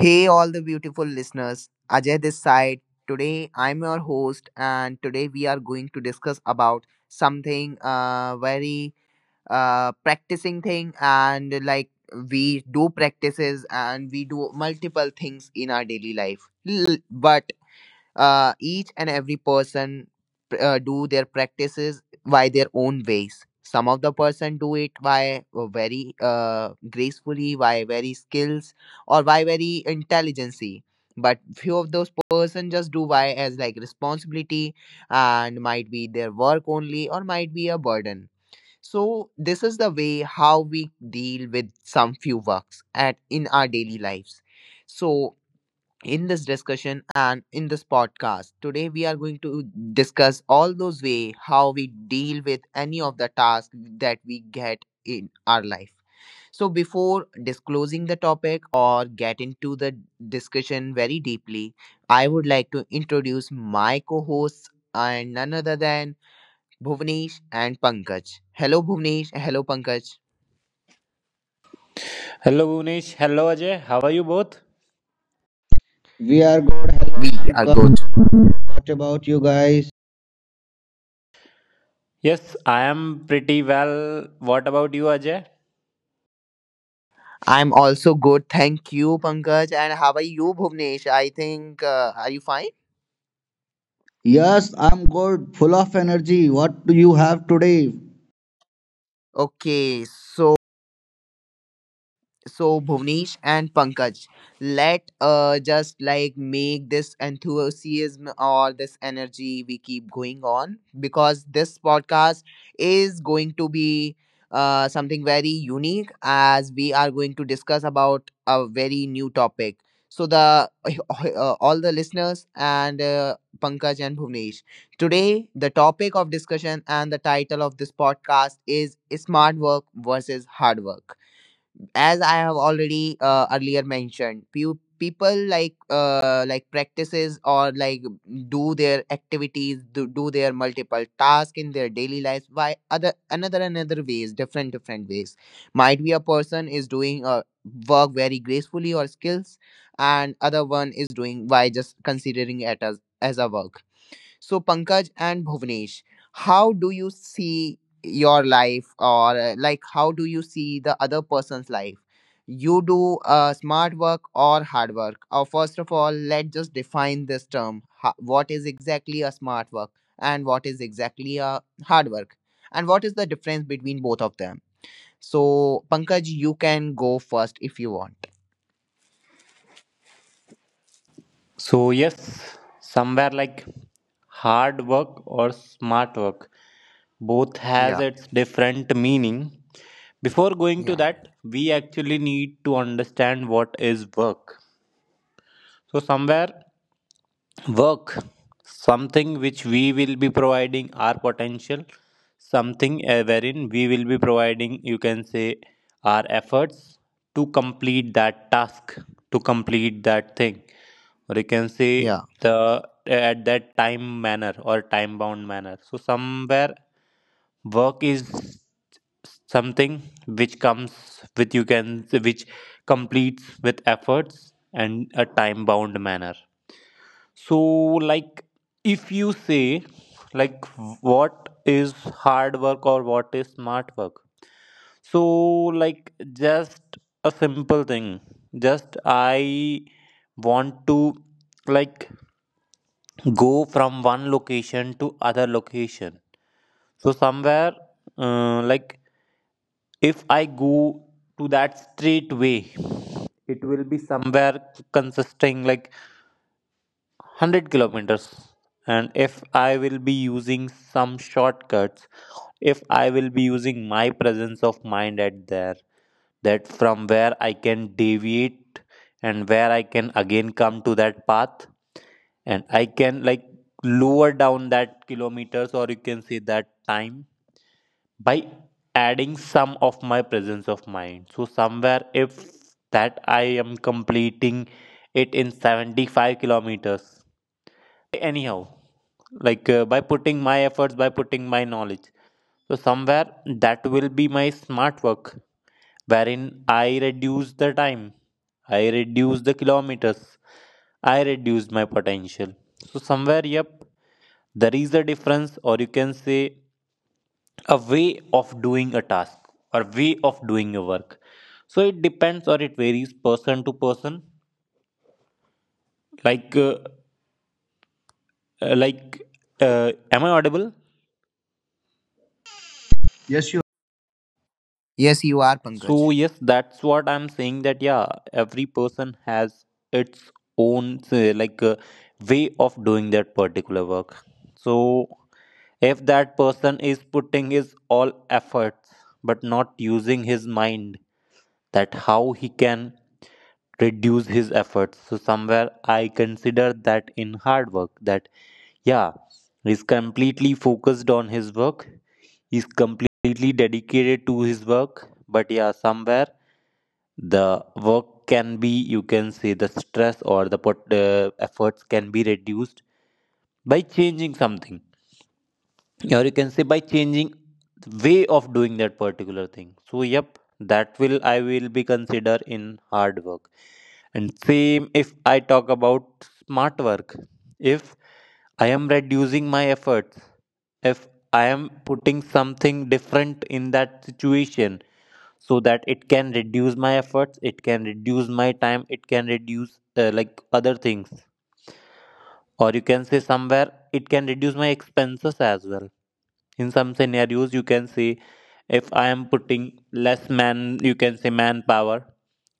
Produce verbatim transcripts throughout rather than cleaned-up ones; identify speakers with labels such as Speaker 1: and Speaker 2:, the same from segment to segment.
Speaker 1: Hey, all the beautiful listeners. Ajay this side. Today, I'm your host, and today we are going to discuss about something uh, very uh, practicing thing, and like we do practices and we do multiple things in our daily life. L- But uh, each and every person uh, do their practices by their own ways. Some of the person do it by uh, very uh, gracefully, by very skills or by very intelligency, but few of those person just do by as like responsibility, and might be their work only or might be a burden. So this is the way how we deal with some few works at in our daily lives. So in this discussion and in this podcast, today we are going to discuss all those way how we deal with any of the tasks that we get in our life. So before disclosing the topic or get into the discussion very deeply, I would like to introduce my co-hosts, and none other than Bhuvnesh and Pankaj. Hello, Bhuvnesh. Hello, Pankaj.
Speaker 2: Hello Unish, hello Ajay. How are you both?
Speaker 3: We are good. Hello,
Speaker 1: We are good.
Speaker 3: Pankaj. What about you guys?
Speaker 2: Yes, I am pretty well. What about you, Ajay?
Speaker 1: I'm also good. Thank you, Pankaj. And how are you, Bhuvnesh? I think, uh, are you fine?
Speaker 3: Yes, I'm good. Full of energy. What do you have today?
Speaker 1: Okay, so So Bhuvnesh and Pankaj, let uh just like make this enthusiasm or this energy we keep going on, because this podcast is going to be uh something very unique, as we are going to discuss about a very new topic. So the uh, all the listeners and uh, Pankaj and Bhuvnesh, today the topic of discussion and the title of this podcast is smart work versus hard work. As I have already uh, earlier mentioned, few people like uh, like practices or like do their activities, do, do their multiple tasks in their daily lives by other another another ways, different different ways. Might be a person is doing uh, work very gracefully or skills, and other one is doing by just considering it as as a work. So, Pankaj and Bhuvnesh, how do you see your life, or uh, like how do you see the other person's life? You do uh, smart work or hard work? Or first of all, let's just define this term. Ha- what is exactly a smart work, and what is exactly a hard work, and what is the difference between both of them? So, Pankaj, you can go first if you want.
Speaker 2: So yes, somewhere like hard work or smart work, both has
Speaker 1: Yeah,
Speaker 2: its different meaning. Before going to
Speaker 1: yeah,
Speaker 2: that, we actually need to understand what is work. So somewhere work something which we will be providing our potential something, uh, wherein we will be providing, you can say, our efforts to complete that task, to complete that thing, or you can say
Speaker 1: yeah.
Speaker 2: the at that time manner or time bound manner. So somewhere work is something which comes with, you can, which completes with efforts and a time bound manner. So, like, if you say, like, what is hard work or what is smart work? So, like, just a simple thing. Just I want to, like, go from one location to other location. So, somewhere, uh, like, if I go to that straight way, it will be somewhere consisting like one hundred kilometers, and if I will be using some shortcuts, if I will be using my presence of mind at there, that from where I can deviate and where I can again come to that path and I can, like, lower down that kilometers, or you can say that time by adding some of my presence of mind. So somewhere if that I am completing it in seventy-five kilometers by anyhow, like, uh, by putting my efforts, by putting my knowledge, so somewhere that will be my smart work, wherein I reduce the time, I reduce the kilometers, I reduce my potential. So somewhere, yep, there is a difference, or you can say a way of doing a task or way of doing a work. So it depends or it varies person to person, like, uh, uh, like, uh, am I audible?
Speaker 3: Yes, you
Speaker 1: Yes, you are Pankaj.
Speaker 2: So yes, that's what I'm saying, that yeah, every person has its own, say, like, uh, way of doing that particular work. So if that person is putting his all efforts but not using his mind, that how he can reduce his efforts. So somewhere I consider that in hard work, that yeah, he's completely focused on his work. He's completely dedicated to his work. But yeah, somewhere the work can be, you can say, the stress or the pot, uh, efforts can be reduced by changing something, or you can say by changing the way of doing that particular thing. So yep, that will I will be consider in hard work. And same if I talk about smart work, if I am reducing my efforts, if I am putting something different in that situation, so that it can reduce my efforts, it can reduce my time, it can reduce uh, like other things, or you can say somewhere it can reduce my expenses as well in some scenarios. You can say if I am putting less man, you can say manpower,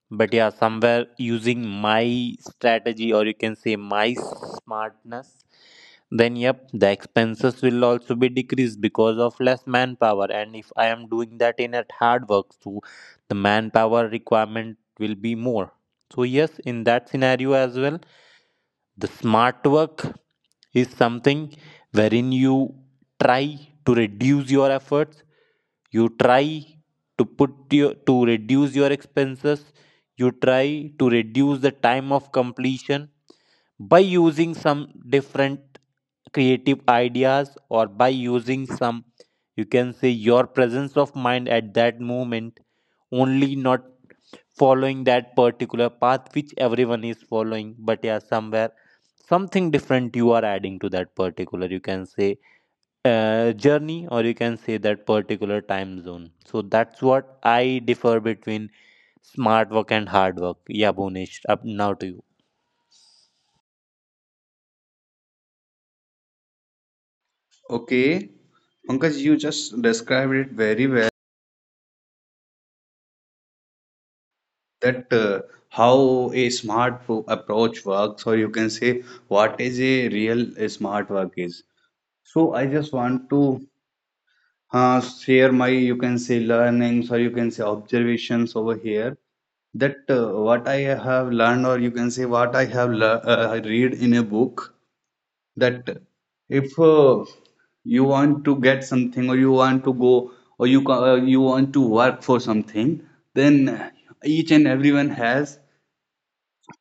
Speaker 2: but yeah, somewhere using my strategy or you can say my smartness, then yep, the expenses will also be decreased because of less manpower. And if I am doing that in at hard work, so the manpower requirement will be more. So yes, in that scenario as well, the smart work is something wherein you try to reduce your efforts, you try to put your to reduce your expenses, you try to reduce the time of completion by using some different creative ideas, or by using some, you can say, your presence of mind at that moment, only not following that particular path which everyone is following, but yeah, somewhere something different you are adding to that particular, you can say, uh, journey, or you can say that particular time zone. So that's what I differ between smart work and hard work. Yeah, Bhunesh, up now to you.
Speaker 3: okay, Pankaj, that uh, how a smart pro- approach works, or you can say what is a real uh, smart work is. So I just want to uh, share my, you can say, learnings or you can say observations over here. That uh, what I have learned, or you can say what I have lear- uh, I read in a book, that if uh, you want to get something or you want to go or you ca- uh, you want to work for something, then each and everyone has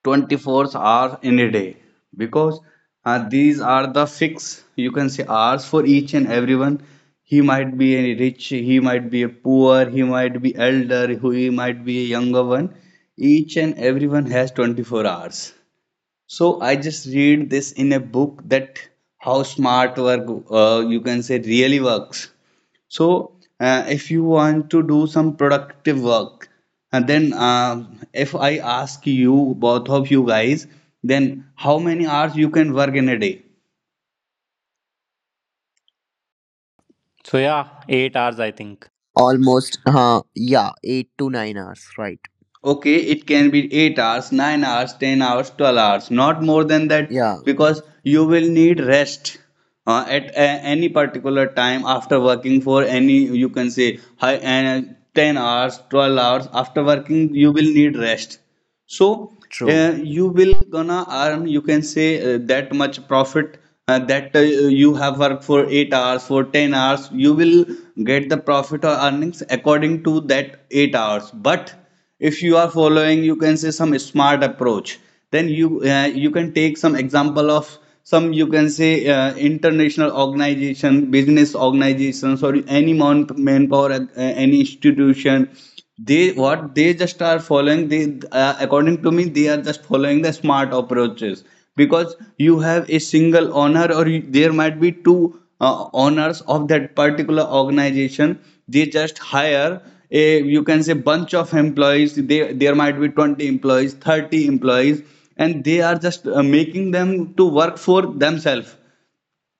Speaker 3: twenty-four hours in a day, because uh, these are the fixed, you can say, hours for each and everyone. He might be a rich, he might be a poor, he might be elder who, he might be a younger one. Each and everyone has twenty-four hours. So I just read this in a book, that how smart work uh, you can say really works. So uh, if you want to do some productive work, and then uh, if I ask you both of you guys, then how many hours you can work in a day?
Speaker 2: So yeah, eight hours, I think.
Speaker 1: Almost, uh, yeah, eight to nine hours, right?
Speaker 3: Okay, it can be eight hours, nine hours, ten hours, twelve hours, not more than that,
Speaker 1: Yeah,
Speaker 3: because you will need rest uh, at a- any particular time. After working for any, you can say, high uh, ten hours, twelve hours, after working, you will need rest. So
Speaker 1: true.
Speaker 3: uh, you will gonna earn, you can say, uh, that much profit uh, that uh, you have worked for eight hours, for ten hours. You will get the profit or earnings according to that eight hours. But if you are following, you can say, some smart approach, then you uh, you can take some example of some, you can say, uh, international organization, business organizations, or any man- manpower, uh, any institution. They, what they just are following, they, uh, according to me, they are just following the smart approaches, because you have a single owner, or you, there might be two uh, owners of that particular organization. They just hire a, you can say, bunch of employees. They, there might be twenty employees, thirty employees, and they are just uh, making them to work for themselves,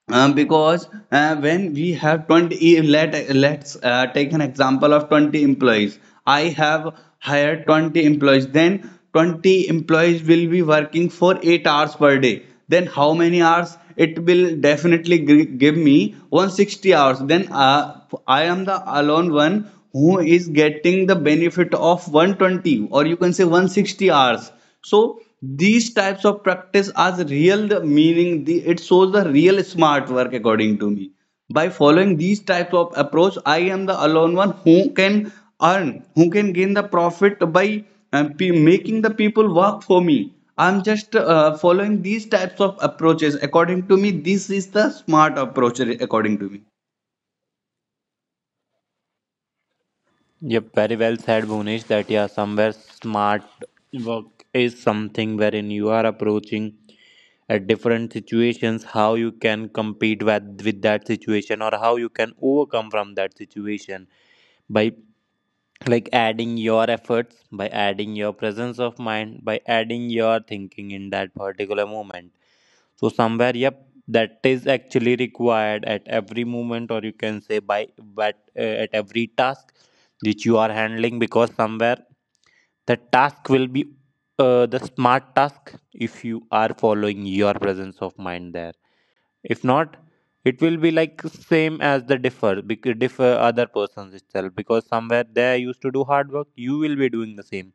Speaker 3: um, because uh, when we have twenty, let let's uh, take an example of twenty employees. I have hired twenty employees, then twenty employees will be working for eight hours per day, then how many hours it will definitely gi- give me one hundred sixty hours. Then uh, I am the alone one who is getting the benefit of one hundred twenty, or you can say one hundred sixty hours. So these types of practice, as real, the meaning, the, it shows the real smart work, according to me. By following these types of approach, I am the alone one who can earn, who can gain the profit by uh, pe- making the people work for me. I'm just uh, following these types of approaches. According to me, this is the smart approach, according to me.
Speaker 2: Yep, very well said, Bhunesh, that yeah, somewhere smart work is something wherein you are approaching at different situations, how you can compete with with that situation, or how you can overcome from that situation by, like, adding your efforts, by adding your presence of mind, by adding your thinking in that particular moment. So somewhere, yep, that is actually required at every moment, or you can say by but uh, at every task which you are handling, because somewhere the task will be uh, the smart task if you are following your presence of mind there. If not, it will be like same as the differ bec- differ other persons itself, because somewhere they used to do hard work, you will be doing the same.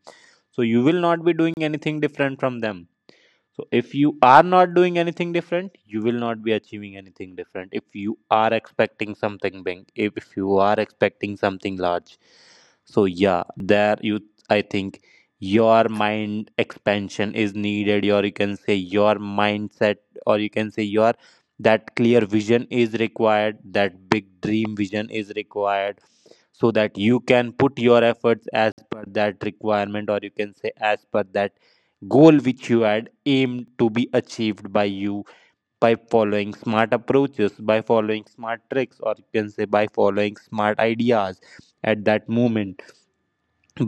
Speaker 2: So you will not be doing anything different from them. So if you are not doing anything different, you will not be achieving anything different. If you are expecting something big, if if you are expecting something large, so yeah, there you, I think, your mind expansion is needed, or you can say your mindset, or you can say your that clear vision is required, that big dream vision is required, so that you can put your efforts as per that requirement, or you can say as per that goal which you had aimed to be achieved by you by following smart approaches, by following smart tricks, or you can say by following smart ideas at that moment,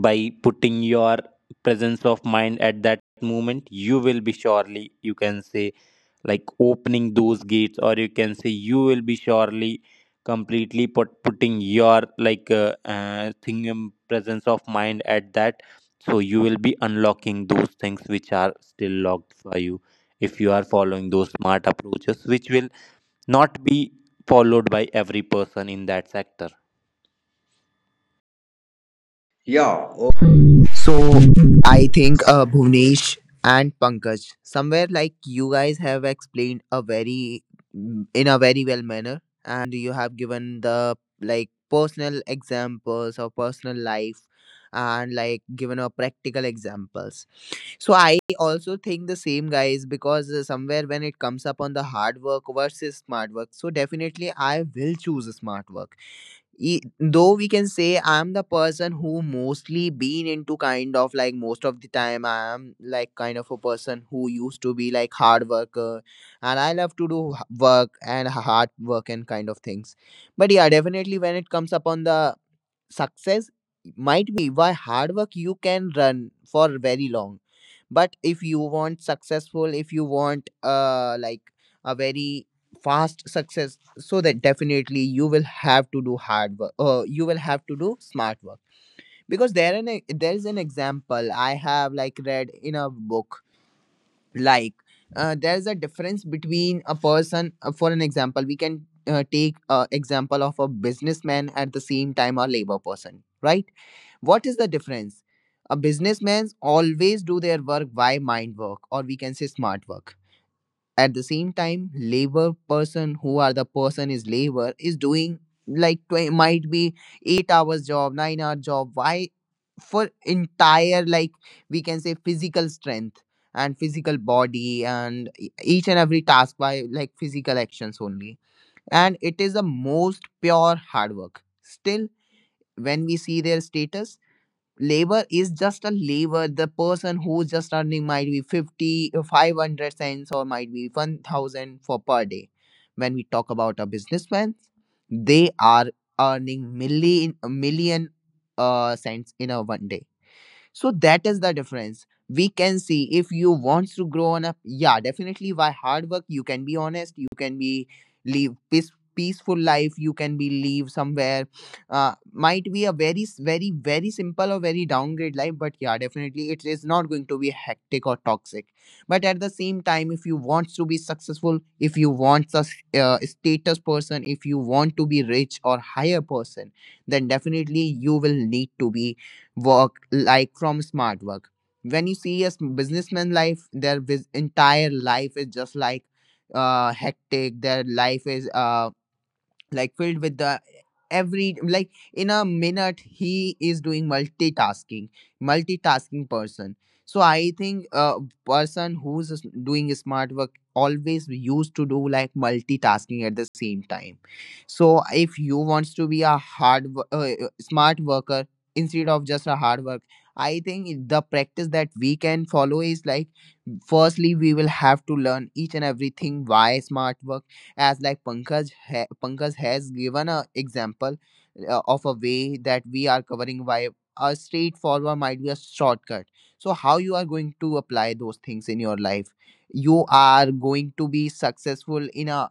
Speaker 2: by putting your presence of mind at that moment. You will be surely, you can say, like, opening those gates, or you can say you will be surely completely put, putting your like uh, uh, thing, um, presence of mind at that, so you will be unlocking those things which are still locked for you if you are following those smart approaches which will not be followed by every person in that sector.
Speaker 3: Yeah, oh,
Speaker 1: So I think uh, Bhuvnesh and Pankaj, somewhere like you guys have explained a very mm, in a very well manner, and you have given the like personal examples of personal life and like given a practical examples. So I also think the same, guys, because uh, somewhere when it comes up on the hard work versus smart work, so definitely I will choose smart work. e- though we can say I'm the person who mostly been into kind of like most of the time I am like kind of a person who used to be like hard worker, and I love to do h- work and h- hard work and kind of things. But yeah, definitely when it comes upon the success, might be why hard work you can run for very long, but if you want successful, if you want uh like a very fast success, so that definitely you will have to do hard work, uh, you will have to do smart work. Because there an e- there is an example I have like read in a book, like uh, there's a difference between a person uh, for an example we can uh, take a example of a businessman at the same time a labor person, right? What is the difference? A businessman's always do their work by mind work, or we can say smart work. At the same time labor person who are the person is labor is doing like twenty, might be eight hours job nine hour job, why for entire like we can say physical strength and physical body, and e- each and every task by like physical actions only, and it is the most pure hard work. Still when we see their status, labor is just a labor, the person who's just earning might be fifty uh, five hundred cents, or might be one thousand for per day. When we talk about a businessman, they are earning million million uh cents in a one day. So that is the difference. We can see if you want to grow on up, yeah, definitely by hard work, you can be honest, you can be live peace, peaceful life, you can be live somewhere. Uh, might be a very, s- very, very simple or very downgrade life, but yeah, definitely it is not going to be hectic or toxic. But at the same time, if you want to be successful, if you want a s- uh, status person, if you want to be rich or higher person, then definitely you will need to be work like from smart work. When you see a s- businessman life, their vis- entire life is just like uh hectic. Their life is uh like filled with the every like in a minute he is doing multitasking. Multitasking person. So I think a person who's s- doing smart work always used to do like multitasking at the same time. So if you wants to be a hard wo- uh, uh, smart worker instead of just a hard work, I think the practice that we can follow is like firstly we will have to learn each and everything why smart work, as like Pankaj ha- Pankaj has given a example uh, of a way that we are covering why a straightforward might be a shortcut. So how you are going to apply those things in your life? You are going to be successful in a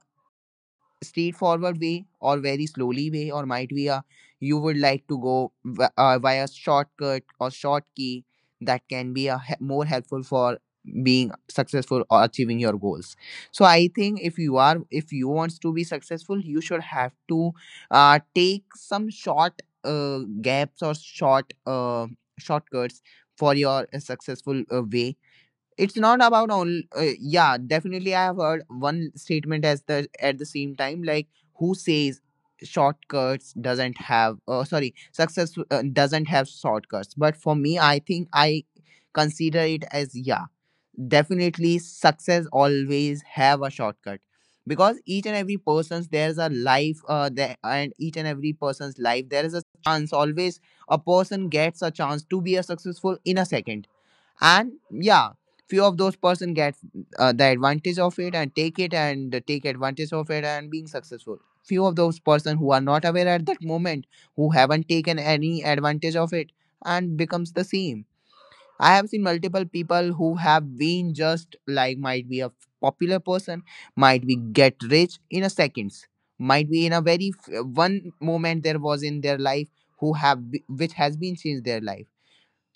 Speaker 1: straightforward way or very slowly way, or might be a you would like to go v- uh, via shortcut or short key that can be a he- more helpful for being successful or achieving your goals. So I think if you are if you wants to be successful, you should have to uh, take some short uh, gaps or short uh, shortcuts for your uh, successful uh, way. It's not about only uh, yeah definitely I have heard one statement as the at the same time like who says shortcuts doesn't have uh, sorry success uh, doesn't have shortcuts. But for me, I think I consider it as yeah, definitely success always have a shortcut, because each and every person's there's a life uh, there, and each and every person's life there is a chance, always a person gets a chance to be a successful in a second. And yeah, few of those person get uh, the advantage of it and take it, and uh, take advantage of it and being successful. Few of those person who are not aware at that moment, who haven't taken any advantage of it and becomes the same. I have seen multiple people who have been just like might be a popular person, might be get rich in a seconds, might be in a very f- one moment there was in their life who have be- which has been changed their life.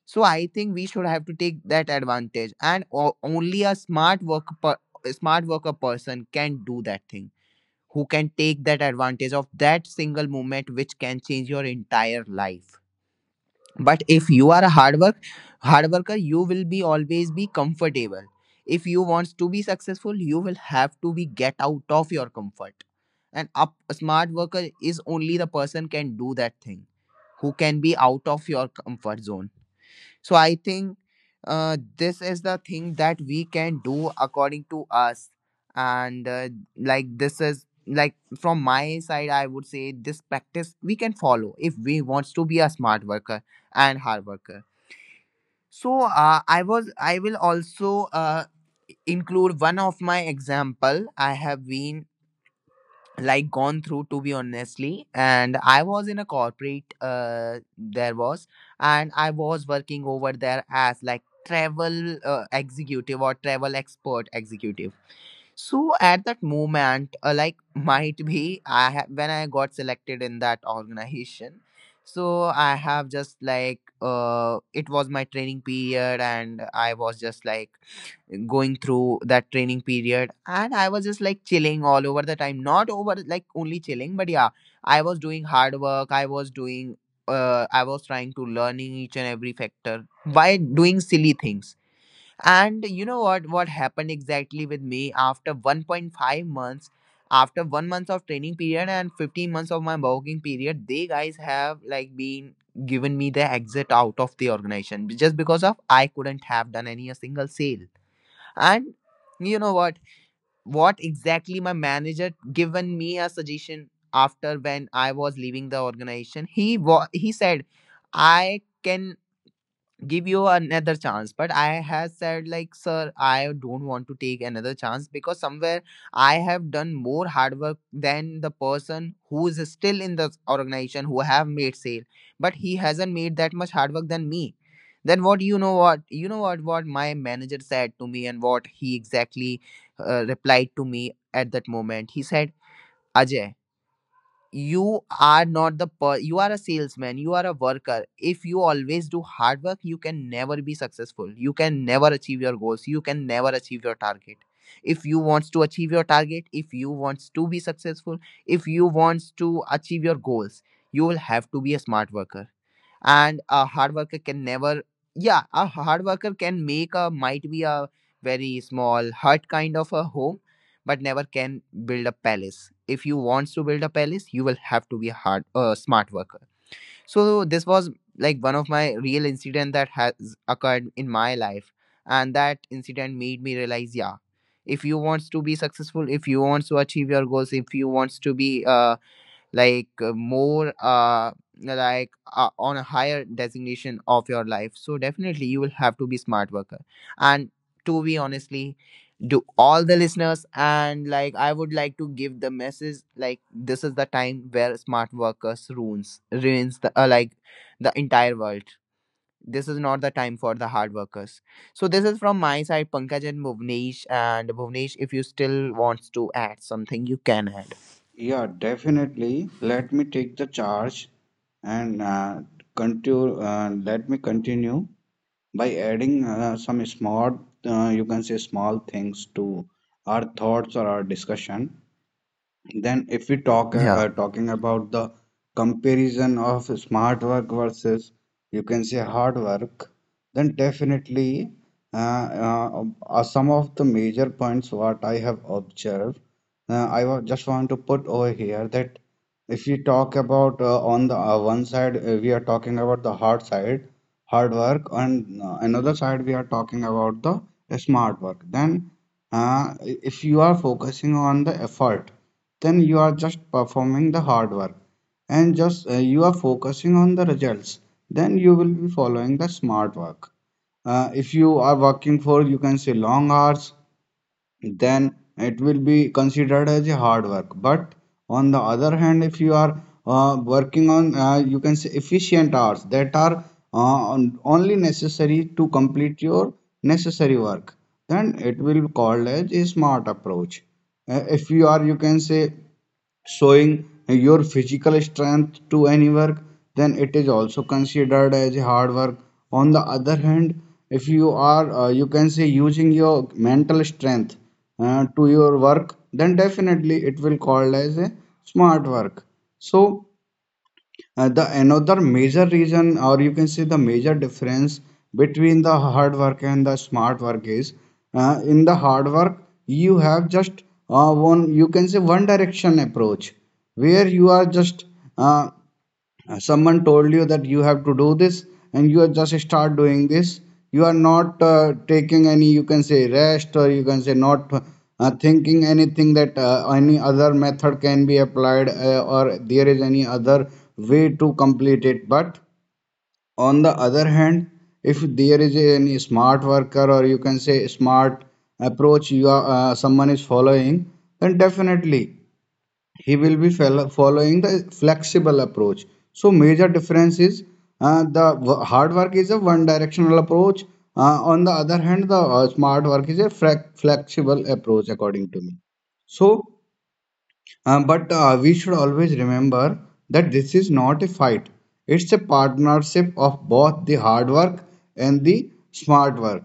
Speaker 1: So I think we should have to take that advantage, and o- only a smart work per- a smart worker person can do that thing. Who can take that advantage of that single moment, which can change your entire life. But if you are a hard work hard worker, you will be always be comfortable. If you want to be successful, you will have to be get out of your comfort. And up, a smart worker is only the person can do that thing, who can be out of your comfort zone. So I think uh, this is the thing that we can do according to us. And uh, like this is like from my side, I would say this practice we can follow if we wants to be a smart worker and hard worker. So uh, I was I will also uh, include one of my example. I have been like gone through to be honestly, and I was in a corporate uh there was and I was working over there as like travel uh, executive or travel expert executive. So at that moment uh, like might be i ha- when I got selected in that organization, so I have just like uh it was my training period, and I was just like going through that training period, and I was just like chilling all over the time, not over like only chilling, but yeah, I was doing hard work, I was doing uh, I was trying to learning each and every factor by doing silly things. And you know what? What happened exactly with me after one point five months, after one month of training period and fifteen months of my working period, they guys have like been given me the exit out of the organization just because of I couldn't have done any a single sale. And you know what? What exactly my manager given me a suggestion after when I was leaving the organization. He wa- he said, I can give you another chance. But I have said like, sir, I don't want to take another chance, because somewhere I have done more hard work than the person who is still in the organization, who have made sale, but he hasn't made that much hard work than me. Then what you know what you know what what my manager said to me, and what he exactly uh, replied to me at that moment, he said, Ajay, you are not the per- you are a salesman, you are a worker. If you always do hard work, you can never be successful, you can never achieve your goals, you can never achieve your target. If you wants to achieve your target, if you wants to be successful, if you wants to achieve your goals, you will have to be a smart worker. And a hard worker can never yeah a hard worker can make a might be a very small hut kind of a home, but never can build a palace. If you want to build a palace, you will have to be a hard uh, smart worker. So this was like one of my real incident that has occurred in my life, and that incident made me realize yeah, if you want to be successful, if you want to achieve your goals, if you want to be uh, like uh, more uh like uh, on a higher designation of your life, so definitely you will have to be smart worker. And to be honestly to all the listeners, and like I would like to give the message like this is the time where smart workers ruins ruins the uh, like the entire world. This is not the time for the hard workers. So this is from my side, Pankaj and Bhuvnesh. And Bhuvnesh, if you still wants to add something, you can add.
Speaker 3: yeah, definitely. Let me take the charge and uh, continue. Uh, let me continue by adding uh, some smart, uh, you can say, small things to our thoughts or our discussion. Then, if we talk uh, uh,
Speaker 1: Yeah.
Speaker 3: talking about the comparison of smart work versus, you can say, hard work, then definitely uh, uh, uh, some of the major points what I have observed, uh, I wa- just want to put over here that if we talk about uh, on the uh, one side, uh, we are talking about the hard side, hard work, and uh, another side we are talking about the uh, smart work. Then, uh, if you are focusing on the effort, then you are just performing the hard work, and just uh, you are focusing on the results, then you will be following the smart work. Uh, if you are working for, you can say, long hours, then it will be considered as a hard work. But on the other hand, if you are uh, working on, uh, you can say, efficient hours that are uh, on- only necessary to complete your necessary work, then it will be called as a smart approach. Uh, if you are, you can say, showing your physical strength to any work, then it is also considered as hard work. On the other hand, if you are, uh, you can say, using your mental strength uh, to your work, then definitely it will called as a smart work. So uh, the another major reason, or you can say the major difference between the hard work and the smart work is, uh, in the hard work you have just uh, one, you can say, one direction approach, where you are just uh, uh, someone told you that you have to do this, and you are just start doing this. You are not uh, taking any, you can say, rest, or you can say not uh, thinking anything that uh, any other method can be applied, uh, or there is any other way to complete it. But on the other hand, if there is any smart worker, or you can say smart approach you are, uh, someone is following, then definitely he will be fel- following the flexible approach. So major difference is, uh, the w- hard work is a one directional approach, uh, on the other hand the uh, smart work is a frac- flexible approach, according to me. So uh, but uh, we should always remember that this is not a fight, it's a partnership of both the hard work and the smart work.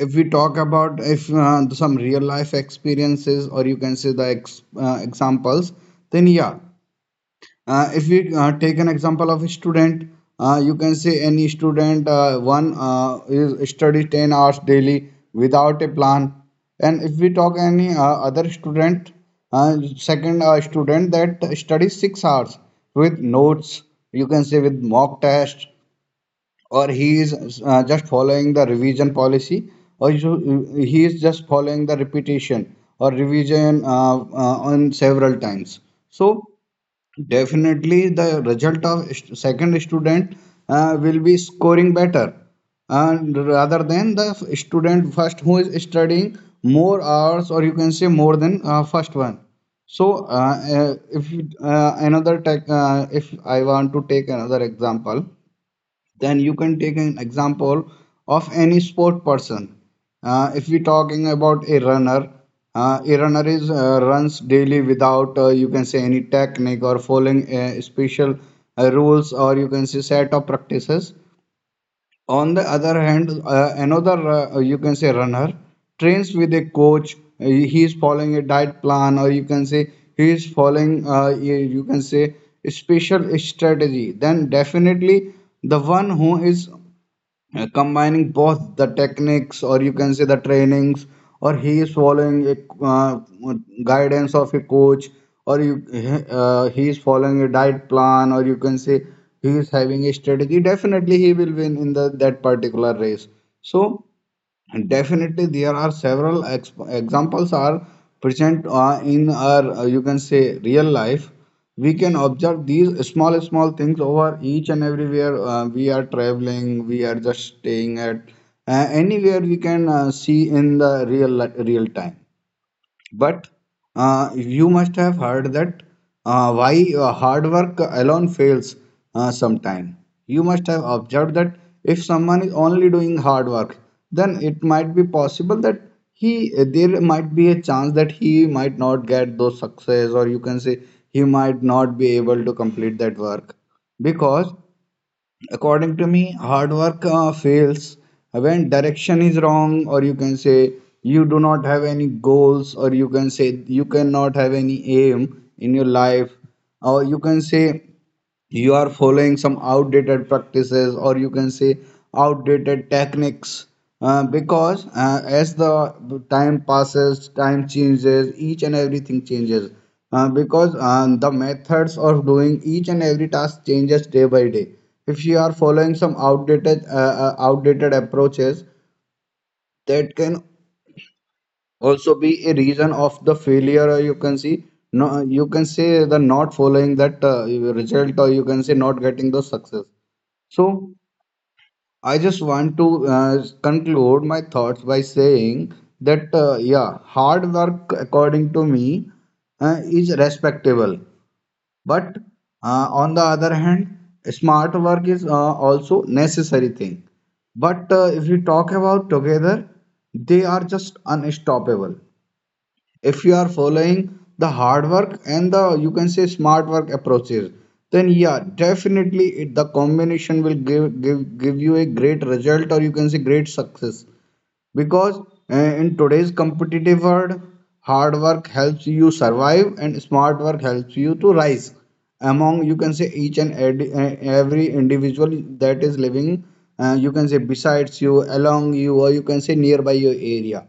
Speaker 3: If we talk about, if uh, some real life experiences, or you can say the ex- uh, examples, then yeah, uh, if we uh, take an example of a student, uh, you can say any student, uh, one uh, is study ten hours daily without a plan, and if we talk any uh, other student, uh, second uh, student that studies six hours with notes, you can say, with mock test, or he is uh, just following the revision policy, or you- he is just following the repetition or revision uh, uh, on several times. So definitely, the result of st- second student uh, will be scoring better, and rather than the f- student first who is studying more hours, or you can say more than uh, first one. So, uh, uh, if you- uh, another tech, uh, if I want to take another example, then you can take an example of any sport person. Uh, if we talking about a runner, uh, a runner is uh, runs daily without, uh, you can say, any technique, or following uh, special uh, rules, or you can say set of practices. On the other hand, uh, another, uh, you can say, runner trains with a coach. Uh, he is following a diet plan, or you can say he is following uh, you, you can say, a special strategy. Then definitely the one who is uh, combining both the techniques, or you can say the trainings, or he is following a uh, guidance of a coach, or you uh, he is following a diet plan, or you can say he is having a strategy, definitely he will win in the that particular race. So, and definitely there are several ex- examples are present uh, in our, uh, you can say, real life. We can observe these small small things over each and everywhere. uh, we are traveling, we are just staying at, uh, anywhere, we can uh, see in the real li- real time. But uh, you must have heard that uh, why uh, hard work alone fails uh, sometime. You must have observed that if someone is only doing hard work, then it might be possible that he, there might be a chance that he might not get those success, or you can say he might not be able to complete that work. Because according to me, hard work uh, fails when direction is wrong, or you can say you do not have any goals, or you can say you cannot have any aim in your life, or you can say you are following some outdated practices, or you can say outdated techniques, uh, because uh, as the time passes, time changes, each and everything changes, uh, because um, the methods of doing each and every task changes day by day. If you are following some outdated, uh, uh, outdated approaches, that can also be a reason of the failure, or you can see no, you can say the not following that uh, result, or you can say not getting the success. So I just want to uh, conclude my thoughts by saying that, uh, yeah, hard work, according to me, uh, is respectable, but, uh, on the other hand, smart work is, uh, also necessary thing. But uh, if we talk about together, they are just unstoppable. If you are following the hard work and the, you can say, smart work approaches, then yeah, definitely it, the combination will give, give give you a great result, or you can say great success. Because uh, in today's competitive world, hard work helps you survive, and smart work helps you to rise among, you can say, each and ed- uh, every individual that is living, uh, you can say, besides you along you, or you can say nearby your area.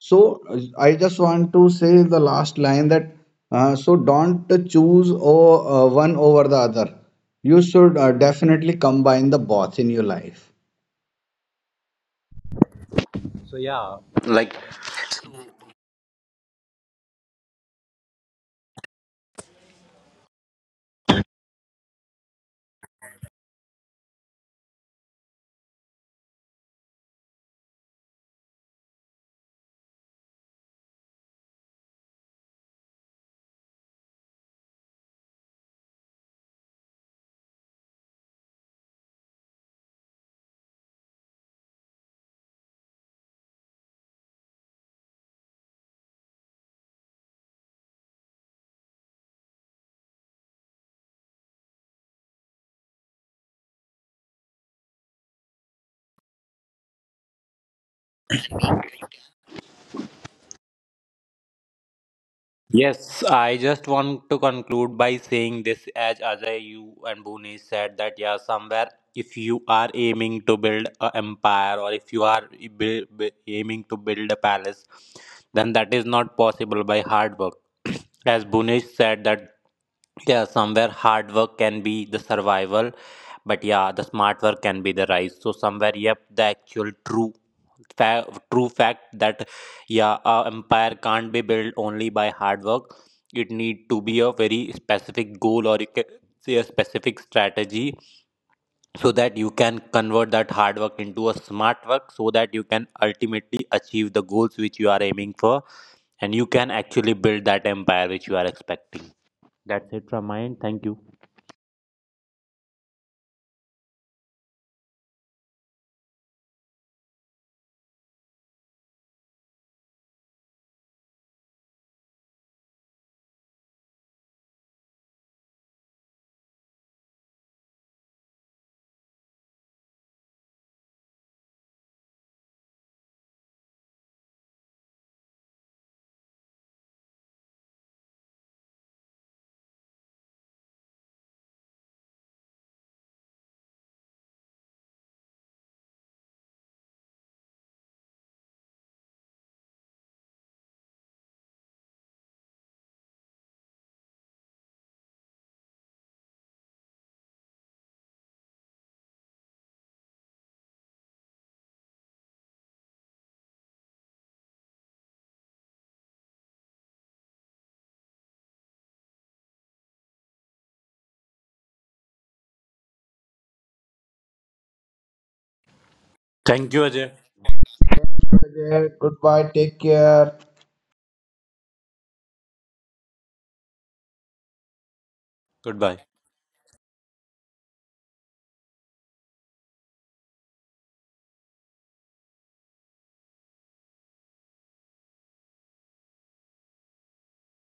Speaker 3: So uh, I just want to say the last line, that uh, so don't choose o- uh, one over the other. You should uh, definitely combine the both in your life.
Speaker 2: So yeah, yes, I just want to conclude by saying this, as Ajay, you and Bhuvnesh said, that yeah, somewhere if you are aiming to build an empire, or if you are i- bu- bu- aiming to build palace, then that is not possible by hard work. As Bhuvnesh said that yeah, somewhere hard work can be the survival, but yeah, the smart work can be the rise. So somewhere, yep, the actual true fa- true fact that yeah, a empire can't be built only by hard work. It need to be a very specific goal, or you can say a specific strategy, so that you can convert that hard work into a smart work, so that you can ultimately achieve the goals which you are aiming for, and you can actually build that empire which you are expecting. That's it from my end. Thank you. Thank you, Ajay.
Speaker 3: Okay, goodbye. Take care.
Speaker 2: Goodbye.